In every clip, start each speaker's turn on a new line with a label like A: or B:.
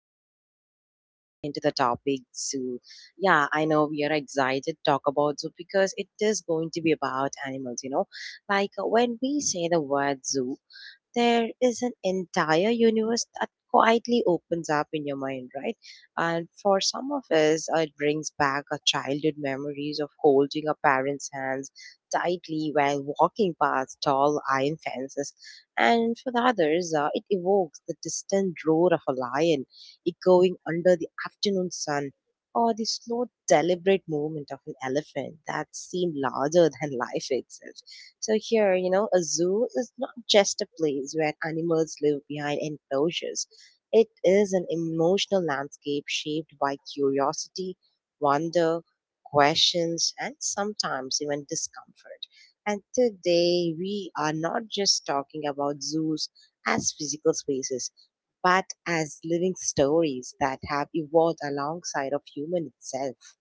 A: going to dive deep into the topic zoo. Yeah, I know we are excited to talk about zoo because it is going to be about animals. Like when we say the word zoo, there is an entire universe that quietly opens up in your mind, right? And for some of us, it brings back our childhood memories of holding our parents' hands tightly while walking past tall iron fences. And for the others, it evokes the distant roar of a lion echoing under the afternoon sun. Or the slow, deliberate movement of an elephant that seemed larger than life itself. So here, a zoo is not just a place where animals live behind enclosures. It is an emotional landscape shaped by curiosity, wonder, questions, and sometimes even discomfort. And today, we are not just talking about zoos as physical spaces, but as living stories that have evolved alongside of human itself.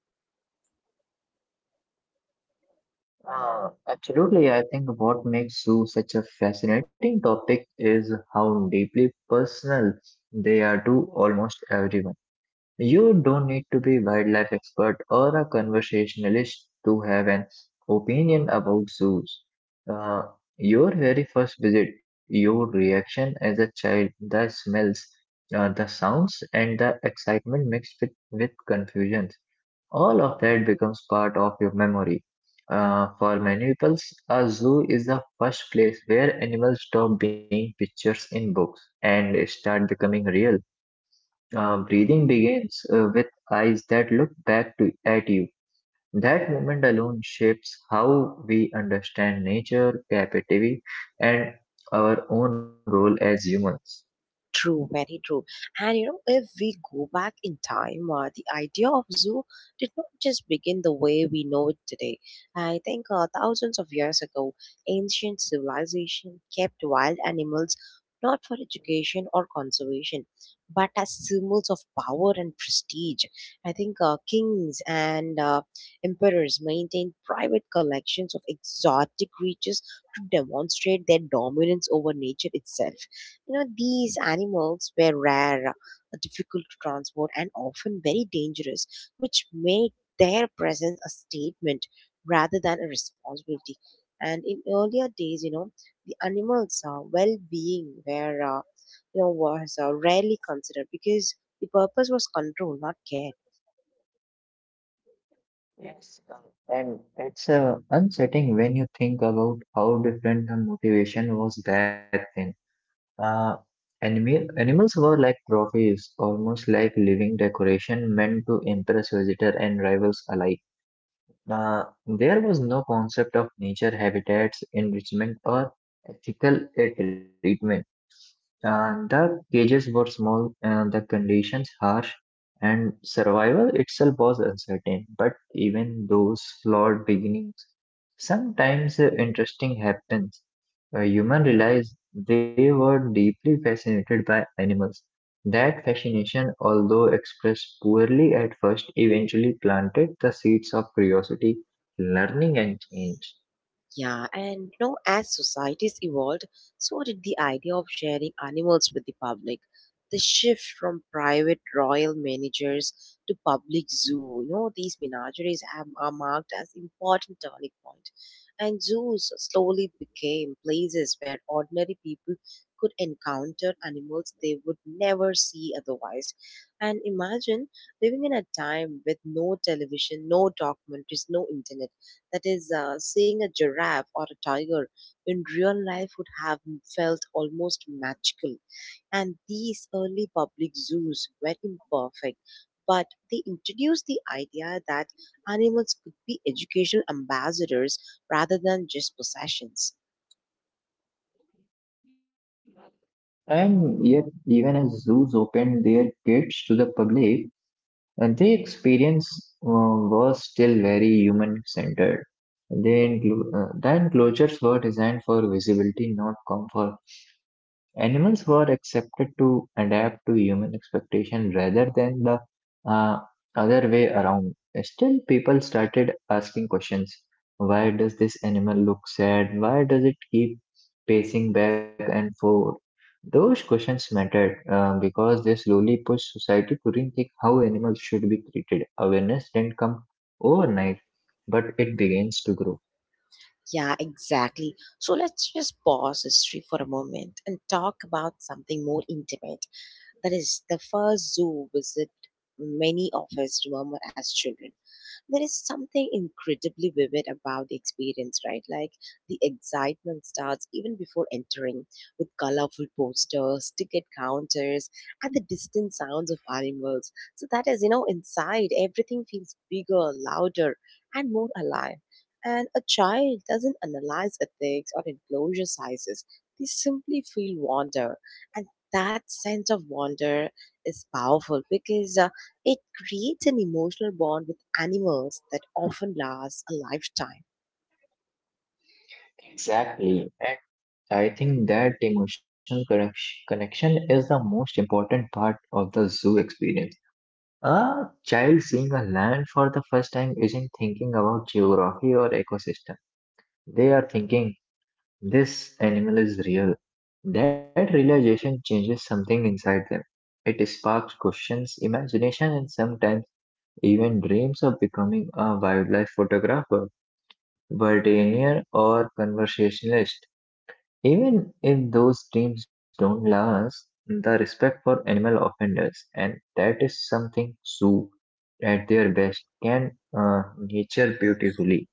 B: Absolutely. I think what makes zoo such a fascinating topic is how deeply personal they are to almost everyone. You don't need to be wildlife expert or a conversationalist to have an opinion about zoos. Uh, your very first visit, your reaction as a child, the smells, the sounds, and the excitement mixed with confusion, all of that becomes part of your memory. For many people, a zoo is the first place where animals stop being pictures in books and start becoming real. Breathing begins with eyes that look at you. That moment alone shapes how we understand nature, captivity, and our own role as humans.
A: True, very true. And if we go back in time, the idea of zoo did not just begin the way we know it today. I think thousands of years ago, ancient civilization kept wild animals not for education or conservation, but as symbols of power and prestige. I think kings and emperors maintained private collections of exotic creatures to demonstrate their dominance over nature itself. These animals were rare, difficult to transport, and often very dangerous, which made their presence a statement rather than a responsibility. And in earlier days, the animals' well-being was rarely considered because the purpose was control, not care.
B: Yes. And it's unsettling when you think about how different the motivation was back then. Uh, animals were like trophies, almost like living decoration meant to impress visitor and rivals alike. There was no concept of nature habitats, enrichment, or ethical treatment. And the cages were small and the conditions harsh, and survival itself was uncertain. But even those flawed beginnings, sometimes interesting happens. Humans realized they were deeply fascinated by animals. That fascination, although expressed poorly at first, eventually planted the seeds of curiosity, learning, and change.
A: Yeah, and as societies evolved, so did the idea of sharing animals with the public. The shift from private royal managers to public zoo, these menageries are marked as important turning point. And zoos slowly became places where ordinary people could encounter animals they would never see otherwise. And imagine living in a time with no television, no documentaries, no internet, that is, seeing a giraffe or a tiger in real life would have felt almost magical. And these early public zoos were imperfect, but they introduced the idea that animals could be educational ambassadors rather than just possessions.
B: And yet, even as zoos opened their gates to the public, and the experience was still very human centered. The enclosures were designed for visibility, not comfort. Animals were accepted to adapt to human expectation rather than the uh, other way around. Still, people started asking questions. Why does this animal look sad? Why does it keep pacing back and forth? Those questions mattered because they slowly pushed society to rethink how animals should be treated. Awareness didn't come overnight, but it begins to grow.
A: Yeah, exactly. So let's just pause history for a moment and talk about something more intimate. That is, the first zoo visit many of us remember as children. There is something incredibly vivid about the experience, right? Like the excitement starts even before entering, with colorful posters, ticket counters, and the distant sounds of animals. So that is, inside, everything feels bigger, louder, and more alive. And a child doesn't analyze ethics or enclosure sizes. They simply feel wonder. And that sense of wonder is powerful because it creates an emotional bond with animals that often lasts a lifetime.
B: Exactly. And I think that emotional connection is the most important part of the zoo experience. A child seeing a land for the first time isn't thinking about geography or ecosystem. They are thinking, this animal is real. That realization changes something inside them. It sparks questions, imagination, and sometimes even dreams of becoming a wildlife photographer, veterinarian, or conversationalist. Even if those dreams don't last, the respect for animal often does, and that is something zoo, at their best, can nature beautifully.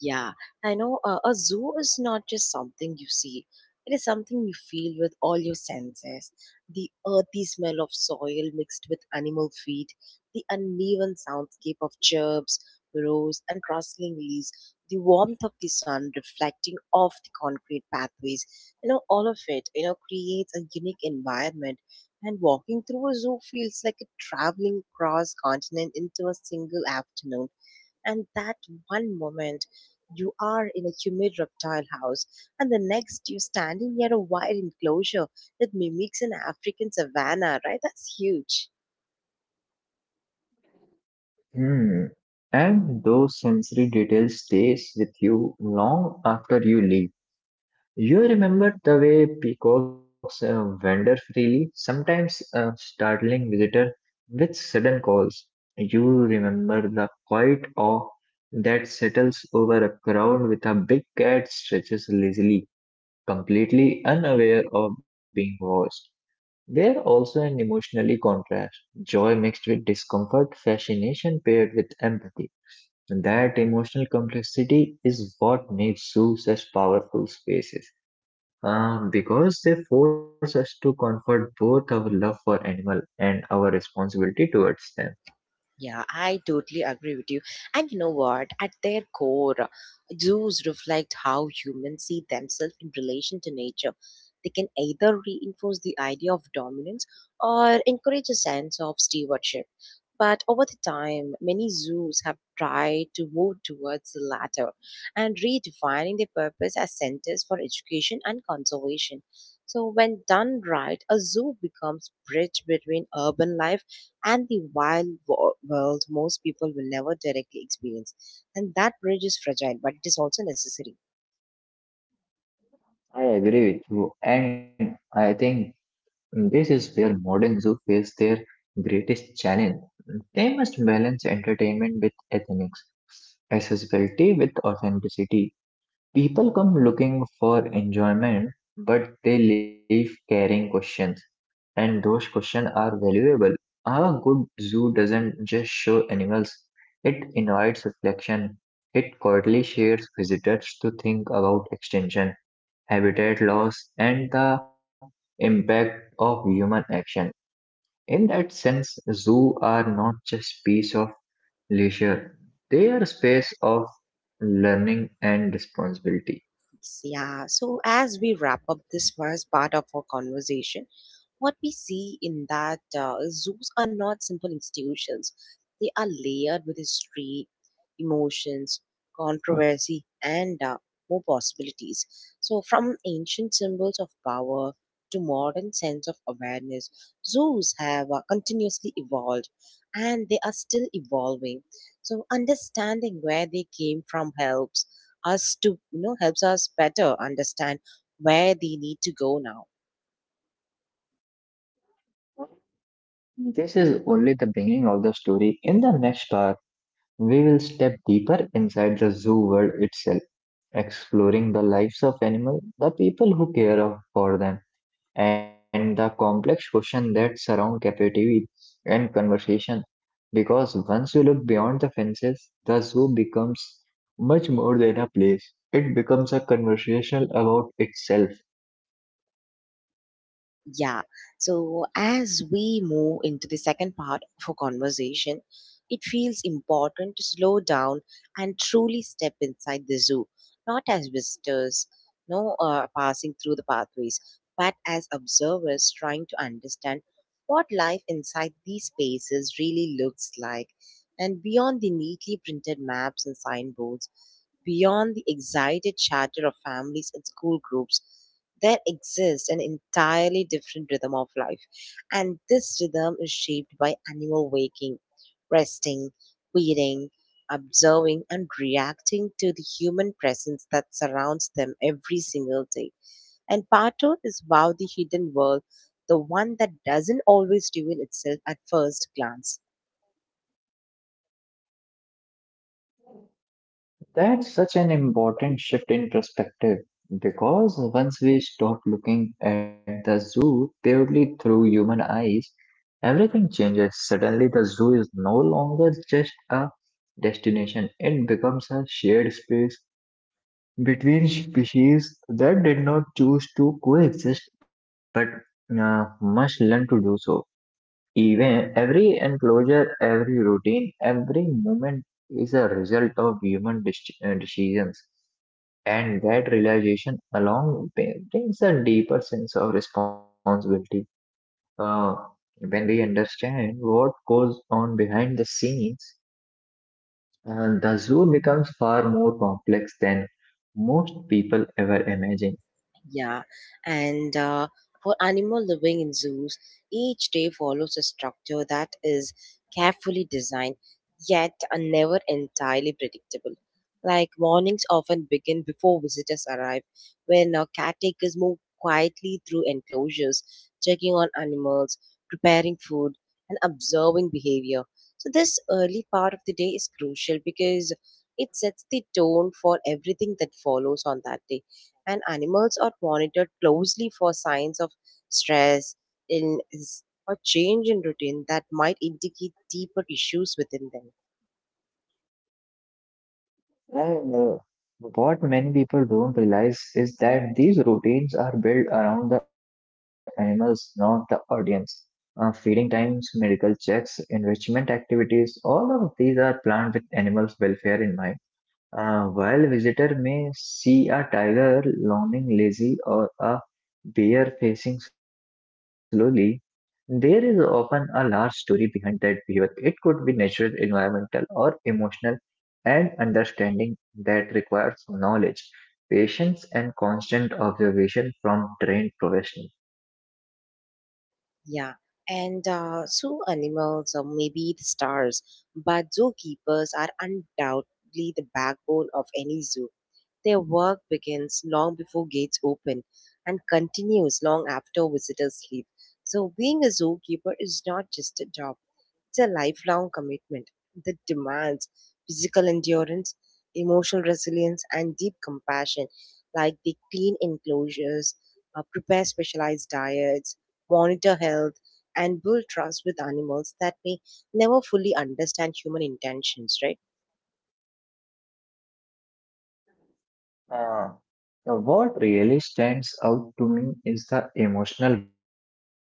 A: Yeah, I know a zoo is not just something you see. It is something you feel with all your senses. The earthy smell of soil mixed with animal feed, the uneven soundscape of chirps, roars, and rustling leaves, the warmth of the sun reflecting off the concrete pathways. All of it, creates a unique environment. And walking through a zoo feels like a traveling across continent into a single afternoon, and that one moment you are in a humid reptile house, and the next you're standing near a wild enclosure that mimics an African savanna, right? That's huge.
B: Hmm. And those sensory details stays with you long after you leave. You remember the way peacocks wander freely, sometimes startling visitor with sudden calls. You remember the quiet awe that settles over a crowd with a big cat stretches lazily, completely unaware of being watched. They're also an emotionally contrast, joy mixed with discomfort, fascination paired with empathy. That emotional complexity is what makes zoo such powerful spaces. Because they force us to comfort both our love for animal and our responsibility towards them.
A: Yeah, I totally agree with you. And you know what? At their core, zoos reflect how humans see themselves in relation to nature. They can either reinforce the idea of dominance or encourage a sense of stewardship. But over the time, many zoos have tried to move towards the latter, and redefining their purpose as centers for education and conservation. So when done right, a zoo becomes bridge between urban life and the wild world most people will never directly experience. And that bridge is fragile, but it is also necessary.
B: I agree with you, and I think this is where modern zoo face their greatest challenge. They must balance entertainment with ethics, accessibility with authenticity. People come looking for enjoyment, but they leave carrying questions, and those questions are valuable. A good zoo doesn't just show animals, it invites reflection. It quietly shares visitors to think about extinction, habitat loss, and the impact of human action. In that sense, zoos are not just piece of leisure, they are space of learning and responsibility.
A: Yeah, so as we wrap up this first part of our conversation, what we see in that zoos are not simple institutions. They are layered with history, emotions, controversy, and more possibilities. So, from ancient symbols of power to modern sense of awareness, zoos have continuously evolved, and they are still evolving. So, understanding where they came from helps us to, you know, helps us better understand where they need to go now.
B: This is only the beginning of the story. In the next part, we will step deeper inside the zoo world itself, exploring the lives of animals, the people who care for them, and the complex questions that surround captivity and conversation. Because once you look beyond the fences, the zoo becomes much more than a place. It becomes a conversation about itself.
A: Yeah. So as we move into the second part of our conversation, it feels important to slow down and truly step inside the zoo, not as visitors, no, passing through the pathways, but as observers trying to understand what life inside these spaces really looks like, and beyond the neatly printed maps and signboards, beyond the excited chatter of families and school groups, there exists an entirely different rhythm of life, and this rhythm is shaped by animal waking, resting, feeding, observing, and reacting to the human presence that surrounds them every single day. And part two is, wow, the hidden world, the one that doesn't always reveal itself at first glance.
B: That's such an important shift in perspective because once we stop looking at the zoo purely through human eyes, everything changes. Suddenly, the zoo is no longer just a destination, it becomes a shared space between species that did not choose to coexist but must learn to do so. Even every enclosure, every routine, every moment is a result of human decisions. And that realization along brings a deeper sense of responsibility. Uh, when we understand what goes on behind the scenes, the zoo becomes far more complex than most people ever imagine.
A: Yeah, and for animal living in zoos, each day follows a structure that is carefully designed yet are never entirely predictable. Like mornings often begin before visitors arrive, when caretakers move quietly through enclosures, checking on animals, preparing food, and observing behavior. So, this early part of the day is crucial because it sets the tone for everything that follows on that day, and animals are monitored closely for signs of stress, illness, or change in routine that might indicate deeper issues within them.
B: Well, what many people don't realize is that these routines are built around the animals, not the audience. Feeding times, medical checks, enrichment activities, all of these are planned with animals' welfare in mind. While visitor may see a tiger lolling lazy or a bear facing slowly, there is often a large story behind that behavior. It could be natural, environmental, or emotional, and understanding that requires knowledge, patience, and constant observation from trained professionals.
A: Yeah. And zoo animals or maybe the stars, but zookeepers are undoubtedly the backbone of any zoo. Their work begins long before gates open and continues long after visitors leave. So, being a zookeeper is not just a job. It's a lifelong commitment that demands physical endurance, emotional resilience, and deep compassion. Like they clean enclosures, prepare specialized diets, monitor health, and build trust with animals that may never fully understand human intentions, right?
B: Uh, what really stands out to me is the emotional bond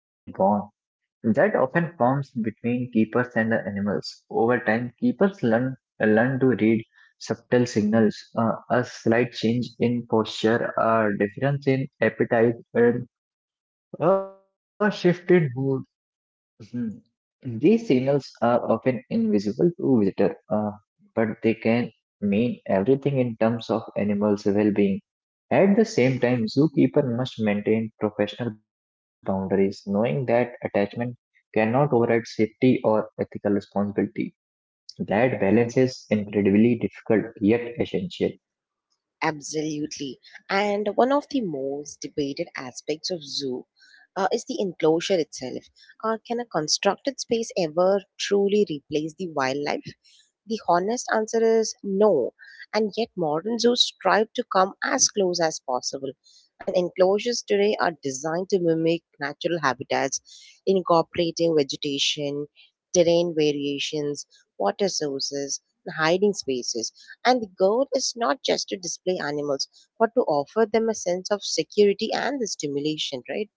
B: that often forms between keepers and the animals. Over time, keepers learn to read subtle signals, a slight change in posture, a difference in appetite, and a shift in mood. Mhm. These signals are often invisible to visitor, but they can mean everything in terms of animals' well-being. At the same time, zookeeper must maintain professional boundaries, knowing that attachment cannot override safety or ethical responsibility. That balance is incredibly difficult yet essential.
A: Absolutely. And one of the most debated aspects of zoo is the enclosure itself. Can a constructed space ever truly replace the wildlife? The honest answer is no. And yet, modern zoos strive to come as close as possible. And enclosures today are designed to mimic natural habitats, incorporating vegetation, terrain variations, water sources, and hiding spaces, and the goal is not just to display animals, but to offer them a sense of security and the stimulation, right?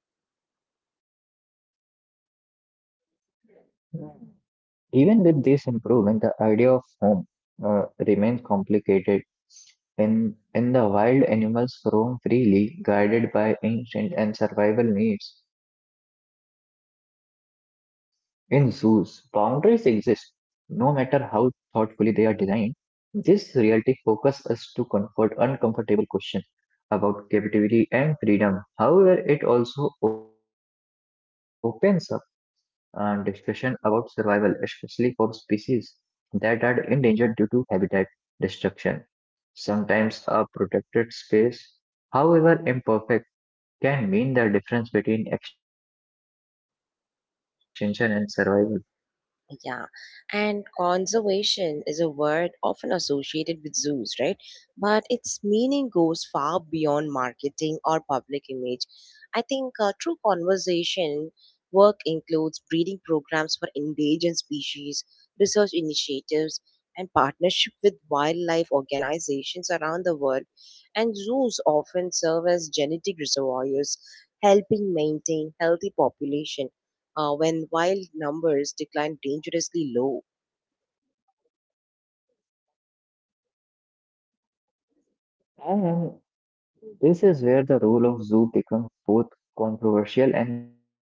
B: Even with this improvement, the idea of home remains complicated. In the wild, animals roam freely, guided by instinct and survival needs. In zoos, boundaries exist, no matter how thoughtfully they are designed. This reality focuses us to confront uncomfortable questions about captivity and freedom. However, it also opens up and discussion about survival, especially for species that are endangered due to habitat destruction. Sometimes a protected space, however imperfect, can mean the difference between extinction and survival.
A: Yeah, and conservation is a word often associated with zoos, right? But its meaning goes far beyond marketing or public image. I think true conservation work includes breeding programs for endangered species, research initiatives, and partnership with wildlife organizations around the world. And zoos often serve as genetic reservoirs, helping maintain healthy population when wild numbers declined dangerously low.
B: And this is where the role of zoo becomes both controversial and crucial.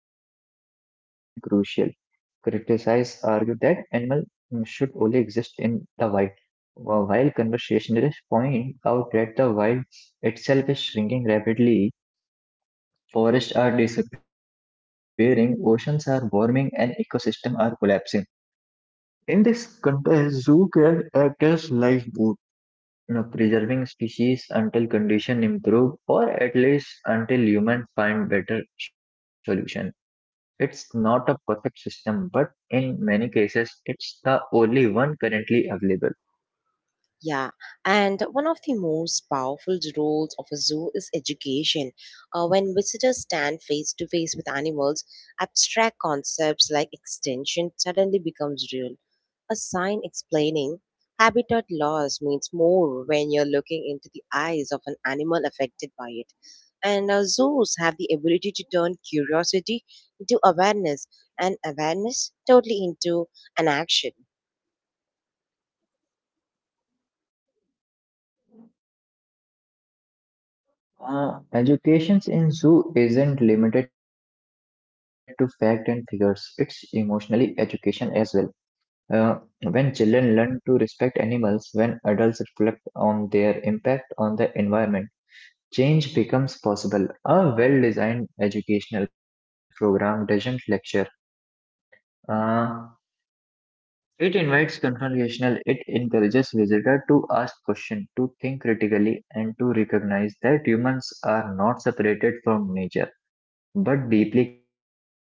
B: Criticize argue that animals should only exist in the wild. While conversationalists point out that the wild itself is shrinking rapidly, forests are disappearing, oceans are warming, and ecosystems are collapsing. In this context, zoo can act as lifeboat. You know, preserving species until conditions improve, or at least until humans find better solution. It's not a perfect system, but in many cases, it's the only one currently available.
A: Yeah, and one of the most powerful roles of a zoo is education. When visitors stand face to face with animals, abstract concepts like extinction suddenly becomes real. A sign explaining habitat loss means more when you're looking into the eyes of an animal affected by it. And zoos have the ability to turn curiosity into awareness, and awareness totally into an action.
B: Education in zoo isn't limited to fact and figures. It's emotionally education as well. Uh, when children learn to respect animals, when adults reflect on their impact on the environment, change becomes possible. A well-designed educational program doesn't lecture. Uh, it invites confrontational. It encourages visitor to ask questions, to think critically, and to recognize that humans are not separated from nature, but deeply connected to it.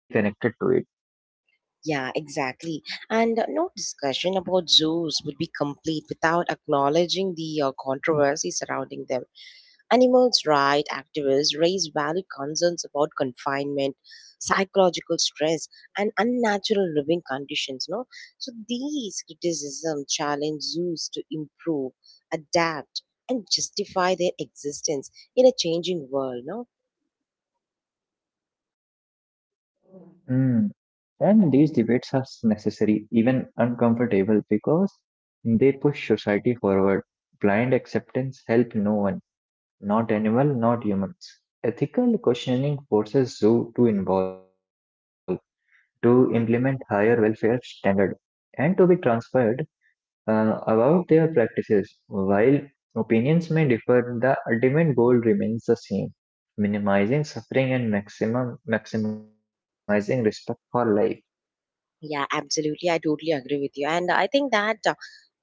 A: Yeah, exactly. And no discussion about zoos would be complete without acknowledging the controversy surrounding them. Animals' rights activists raise valid concerns about confinement, psychological stress, and unnatural living conditions. No, so these criticisms challenge zoos to improve, adapt, and justify their existence in a changing world. No.
B: Mm. And these debates are necessary, even uncomfortable, because they push society forward. Blind acceptance helps no one, not animal, not humans. Ethical questioning forces zoo to involve, to implement higher welfare standard, and to be transferred about their practices. While opinions may differ, the ultimate goal remains the same, minimizing suffering and maximum maximizing respect for life.
A: Yeah, absolutely. I totally agree with you. And I think that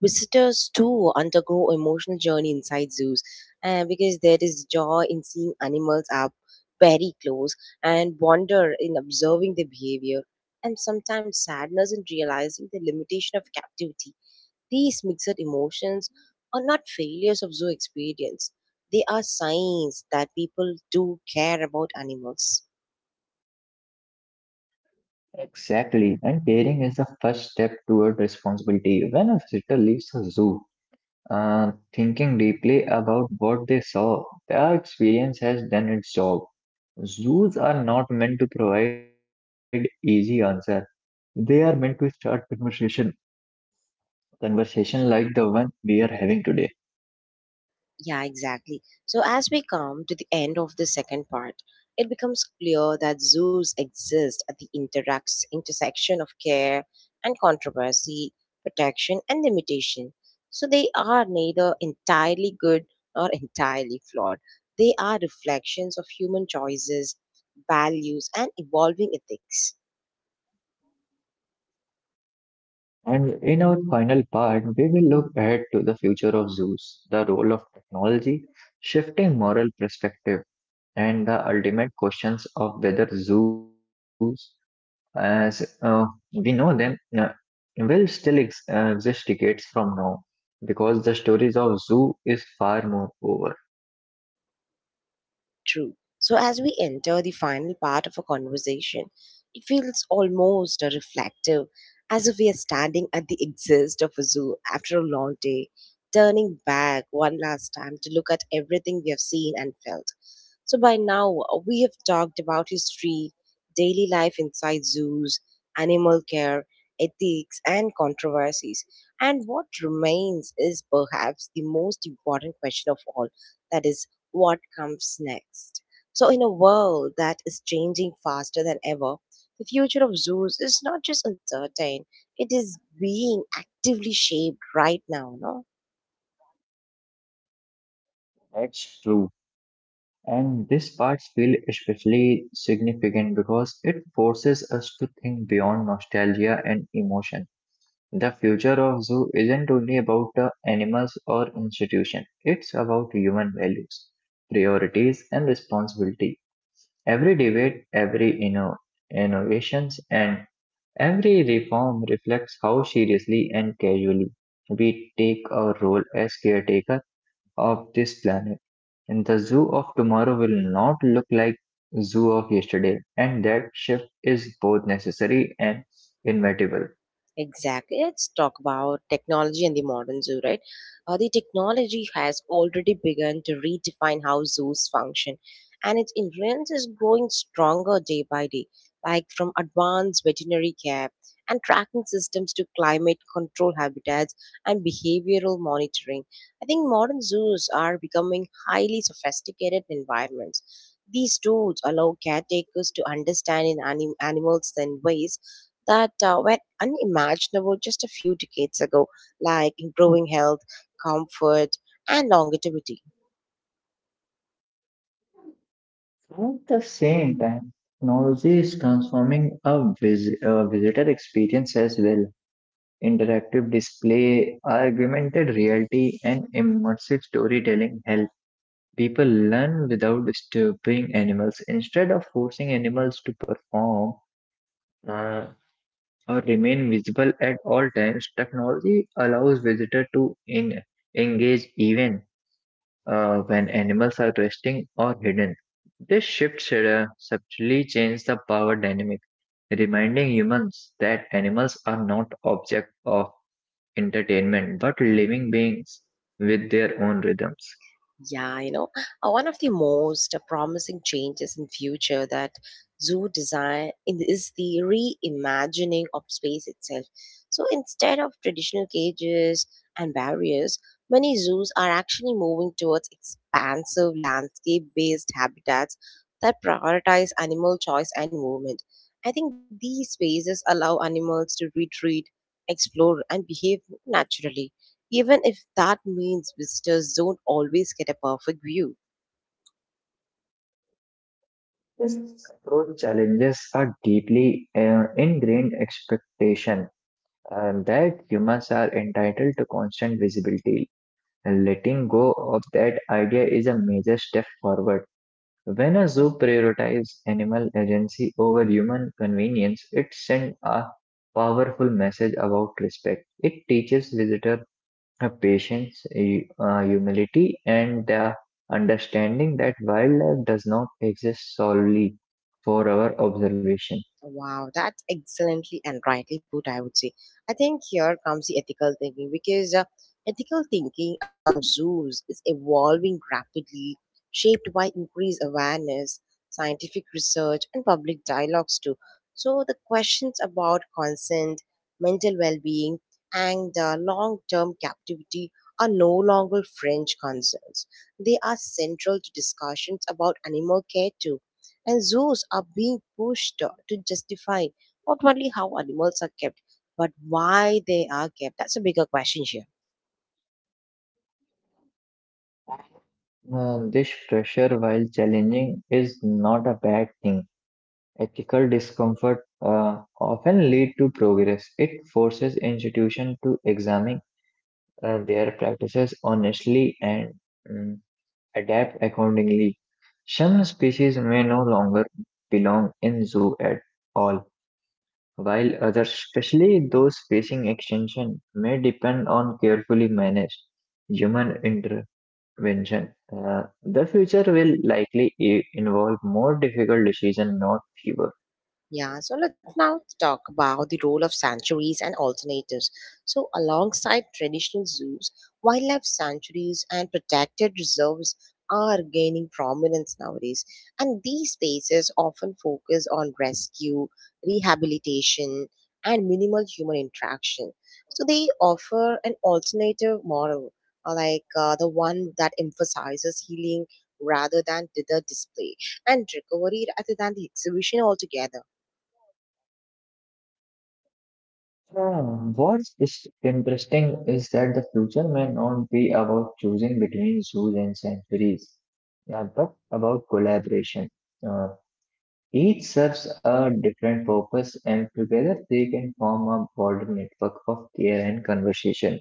A: visitors too undergo emotional journey inside zoos because there is joy in seeing animals up very close, and wonder in observing their behavior, and sometimes sadness in realizing the limitation of captivity. These mixed emotions are not failures of zoo experience. They are signs that people do care about animals.
B: Exactly, and caring is the first step toward responsibility. When a visitor leaves a zoo, thinking deeply about what they saw, their experience has done its job. Zoos are not meant to provide easy answer. They are meant to start conversation like the one we are having today.
A: Yeah, exactly. So, as we come to the end of the second part, it becomes clear that zoos exist at the interacts intersection of care and controversy, protection and limitation. So, they are neither entirely good nor entirely flawed. They are reflections of human choices, values, and evolving ethics.
B: And in our final part, we will look ahead to the future of zoos, the role of technology, shifting moral perspective, and the ultimate questions of whether zoos, as we know them, uh, will still exist decades from now, because the stories of zoo is far more over.
A: True. So, as we enter the final part of a conversation, it feels almost reflective, as if we are standing at the exist of a zoo after a long day, turning back one last time to look at everything we have seen and felt. So, by now, we have talked about history, daily life inside zoos, animal care, ethics, and controversies. And what remains is perhaps the most important question of all, that is, what comes next. So, in a world that is changing faster than ever, the future of zoos is not just uncertain, it is being actively shaped right now. No?
B: That's true. And this part feels especially significant because it forces us to think beyond nostalgia and emotion. The future of zoo isn't only about the animals or institution, it's about human values, priorities, and responsibility. Every debate, every innovations, and every reform reflects how seriously and casually we take our role as caretakers of this planet. And the zoo of tomorrow will not look like zoo of yesterday, and that shift is both necessary and inevitable.
A: Exactly. Let's talk about technology and the modern zoo, right? The technology has already begun to redefine how zoos function, and its influence is growing stronger day by day, like from advanced veterinary care and tracking systems to climate control habitats and behavioral monitoring. I think modern zoos are becoming highly sophisticated environments. These tools allow caretakers to understand animals in ways that were unimaginable just a few decades ago, like improving health, comfort, and longevity.
B: At the same time, technology is transforming a visitor experience as well. Interactive display, augmented reality, and immersive storytelling help people learn without disturbing animals. Instead of forcing animals to perform, uh, or remain visible at all times, technology allows visitors to engage even when animals are resting or hidden. This shift should, subtly changes the power dynamic, reminding humans that animals are not objects of entertainment but living beings with their own rhythms.
A: Yeah, one of the most promising changes in future that zoo is the reimagining of space itself. So instead of traditional cages and barriers, many zoos are actually moving towards expansive landscape-based habitats that prioritize animal choice and movement. I think these spaces allow animals to retreat, explore, and behave naturally even if that means visitors don't always get a perfect view.
B: This approach challenges a deeply ingrained expectation that humans are entitled to constant visibility. Letting go of that idea is a major step forward. When a zoo prioritizes animal agency over human convenience, it sends a powerful message about respect. It teaches visitors patience, humility, and the understanding that wildlife does not exist solely for our observation.
A: Wow, that's excellently and rightly put, I would say. I think here comes the ethical thinking because ethical thinking around zoos is evolving rapidly, shaped by increased awareness, scientific research, and public dialogues too. So the questions about consent, mental well being, and long term captivity are no longer fringe concerns. They are central to discussions about animal care too and zoos are being pushed to justify not only how animals are kept but why they are kept. That's a bigger question here.
B: This pressure, while challenging, is not a bad thing. Ethical discomfort often lead to progress. It forces institutions to examine their practices honestly and mm, adapt accordingly. Some species may no longer belong in zoo at all, while others, especially those facing extinction, may depend on carefully managed human intervention. The future will likely involve more difficult decisions, not fewer.
A: Yeah, so let's now talk about the role of sanctuaries and alternatives. So, alongside traditional zoos, wildlife sanctuaries and protected reserves are gaining prominence nowadays. And these spaces often focus on rescue, rehabilitation, and minimal human interaction. So, they offer an alternative model, like the one that emphasizes healing rather than the display and recovery rather than the exhibition altogether.
B: Hmm, what's is interesting is that the future may not be about choosing between zoos and sanctuaries, yeah, but about collaboration. Uh, each serves a different purpose, and together they can form a broader network of care and conversation.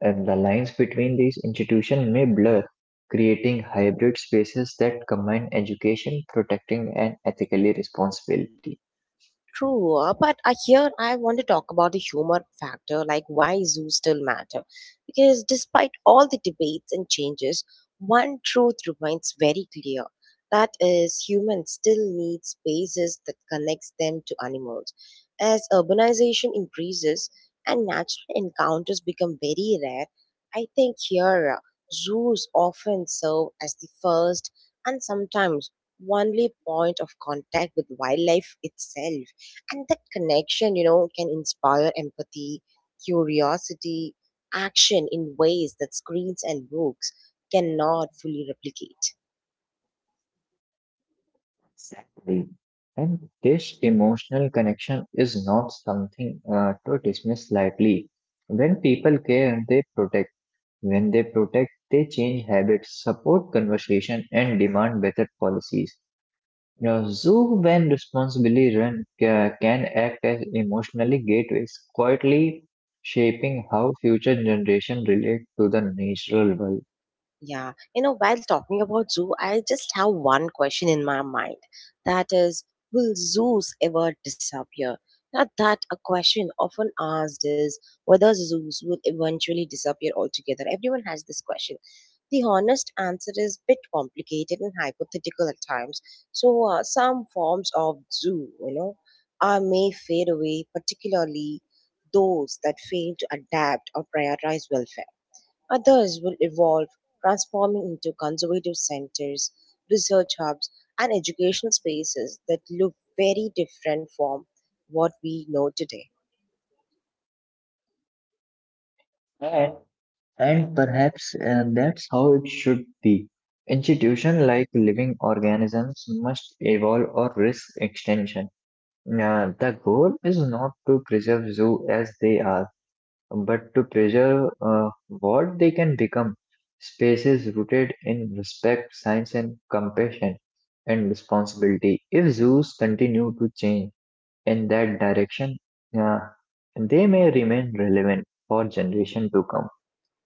B: And the lines between these institutions may blur, creating hybrid spaces that combine education, protecting, and ethically responsibility.
A: True, but I here I want to talk about the humor factor, like why zoos still matter. Because despite all the debates and changes, one truth remains very clear. That is, humans still need spaces that connects them to animals. As urbanization increases and natural encounters become very rare, I think here zoos often serve as the first and sometimes only point of contact with wildlife itself. And that connection, can inspire empathy, curiosity, action in ways that screens and books cannot fully replicate.
B: Exactly. And this emotional connection is not something to dismiss lightly. When people care, they protect. When they protect, they change habits, support conversation, and demand better policies. Now, zoo when responsibly run can act as emotionally gateways, quietly shaping how future generations relate to the natural
A: Yeah, while talking about zoo, I just have one question in my mind. That is, will zoos ever disappear? Now, that a question often asked is whether zoos will eventually disappear altogether. Everyone has this question. The honest answer is bit complicated and hypothetical at times. So, some forms of zoo, are may fade away, particularly those that fail to adapt or prioritize welfare. Others will evolve, transforming into conservative centers, research hubs, and educational spaces that look very different from what we know today.
B: world. And perhaps that's how it should be. Institutions like living organisms must evolve or risk extinction. The goal is not to preserve zoo as they are, but to preserve what they can become. Spaces rooted in respect, science, and compassion and responsibility. If zoos continue to change in that direction, uh, they may remain relevant for generation to come.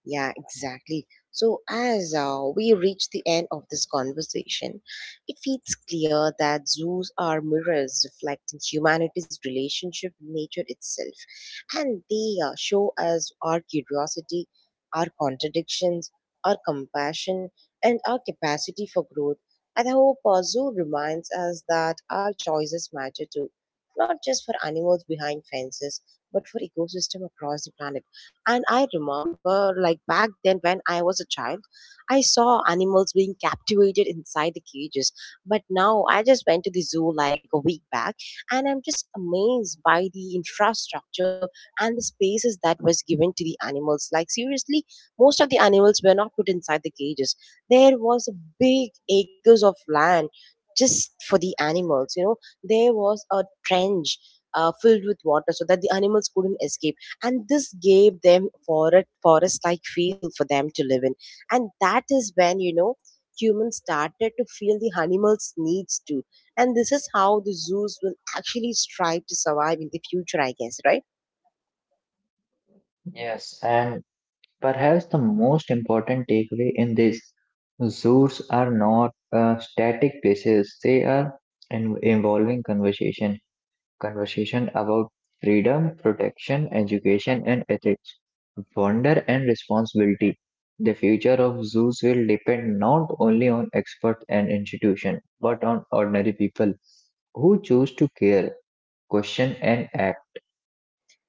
A: Yeah, exactly. So, as we reach the end of this conversation, it feels clear that zoos are mirrors reflecting humanity's relationship with nature itself. And they show us our curiosity, our contradictions, our compassion, and our capacity for growth. And I hope zoo reminds us that our choices matter too, not just for animals behind fences, but for ecosystem across the planet. And I remember, like back then when I was a child, I saw animals being captivated inside the cages. But now I just went to the zoo like a week back and I'm just amazed by the infrastructure and the spaces that was given to the animals. Like, seriously, most of the animals were not put inside the cages. There was a big acres of land just for the animals, you know. There was a trench filled with water so that the animals couldn't escape and this gave them forest like feel for them to live in and that is when you know humans started to feel the animals needs too, and this is how the zoos will actually strive to survive in the future, I guess, right?
B: Yes, and perhaps the most important takeaway in this, zoos are not static places, they are involving conversation. Conversation about freedom, protection, education, and ethics, wonder, and responsibility. The future of zoos will depend not only on experts and institutions, but on ordinary people who choose to care, question, and act.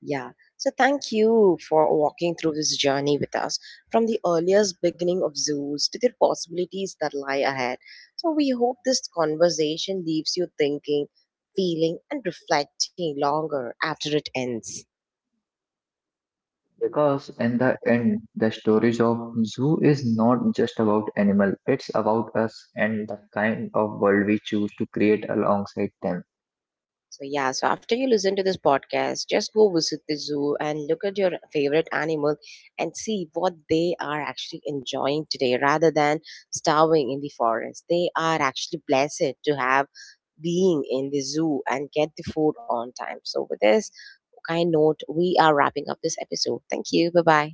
A: Yeah. So thank you for walking through this journey with us, from the earliest beginning of zoos to the possibilities that lie ahead. So we hope this conversation leaves you thinking, feeling, and reflecting longer after it ends.
B: Because in the end, the stories of zoo is not just about animal, it's about us and the kind of world we choose to create alongside them.
A: So yeah, so after you listen to this podcast, just go visit the zoo and look at your favorite animal and see what they are actually enjoying today rather than starving in the forest. They are actually blessed to have being in the zoo and get the food on time. So with this kind note, we are wrapping up this episode. Thank you. Bye bye.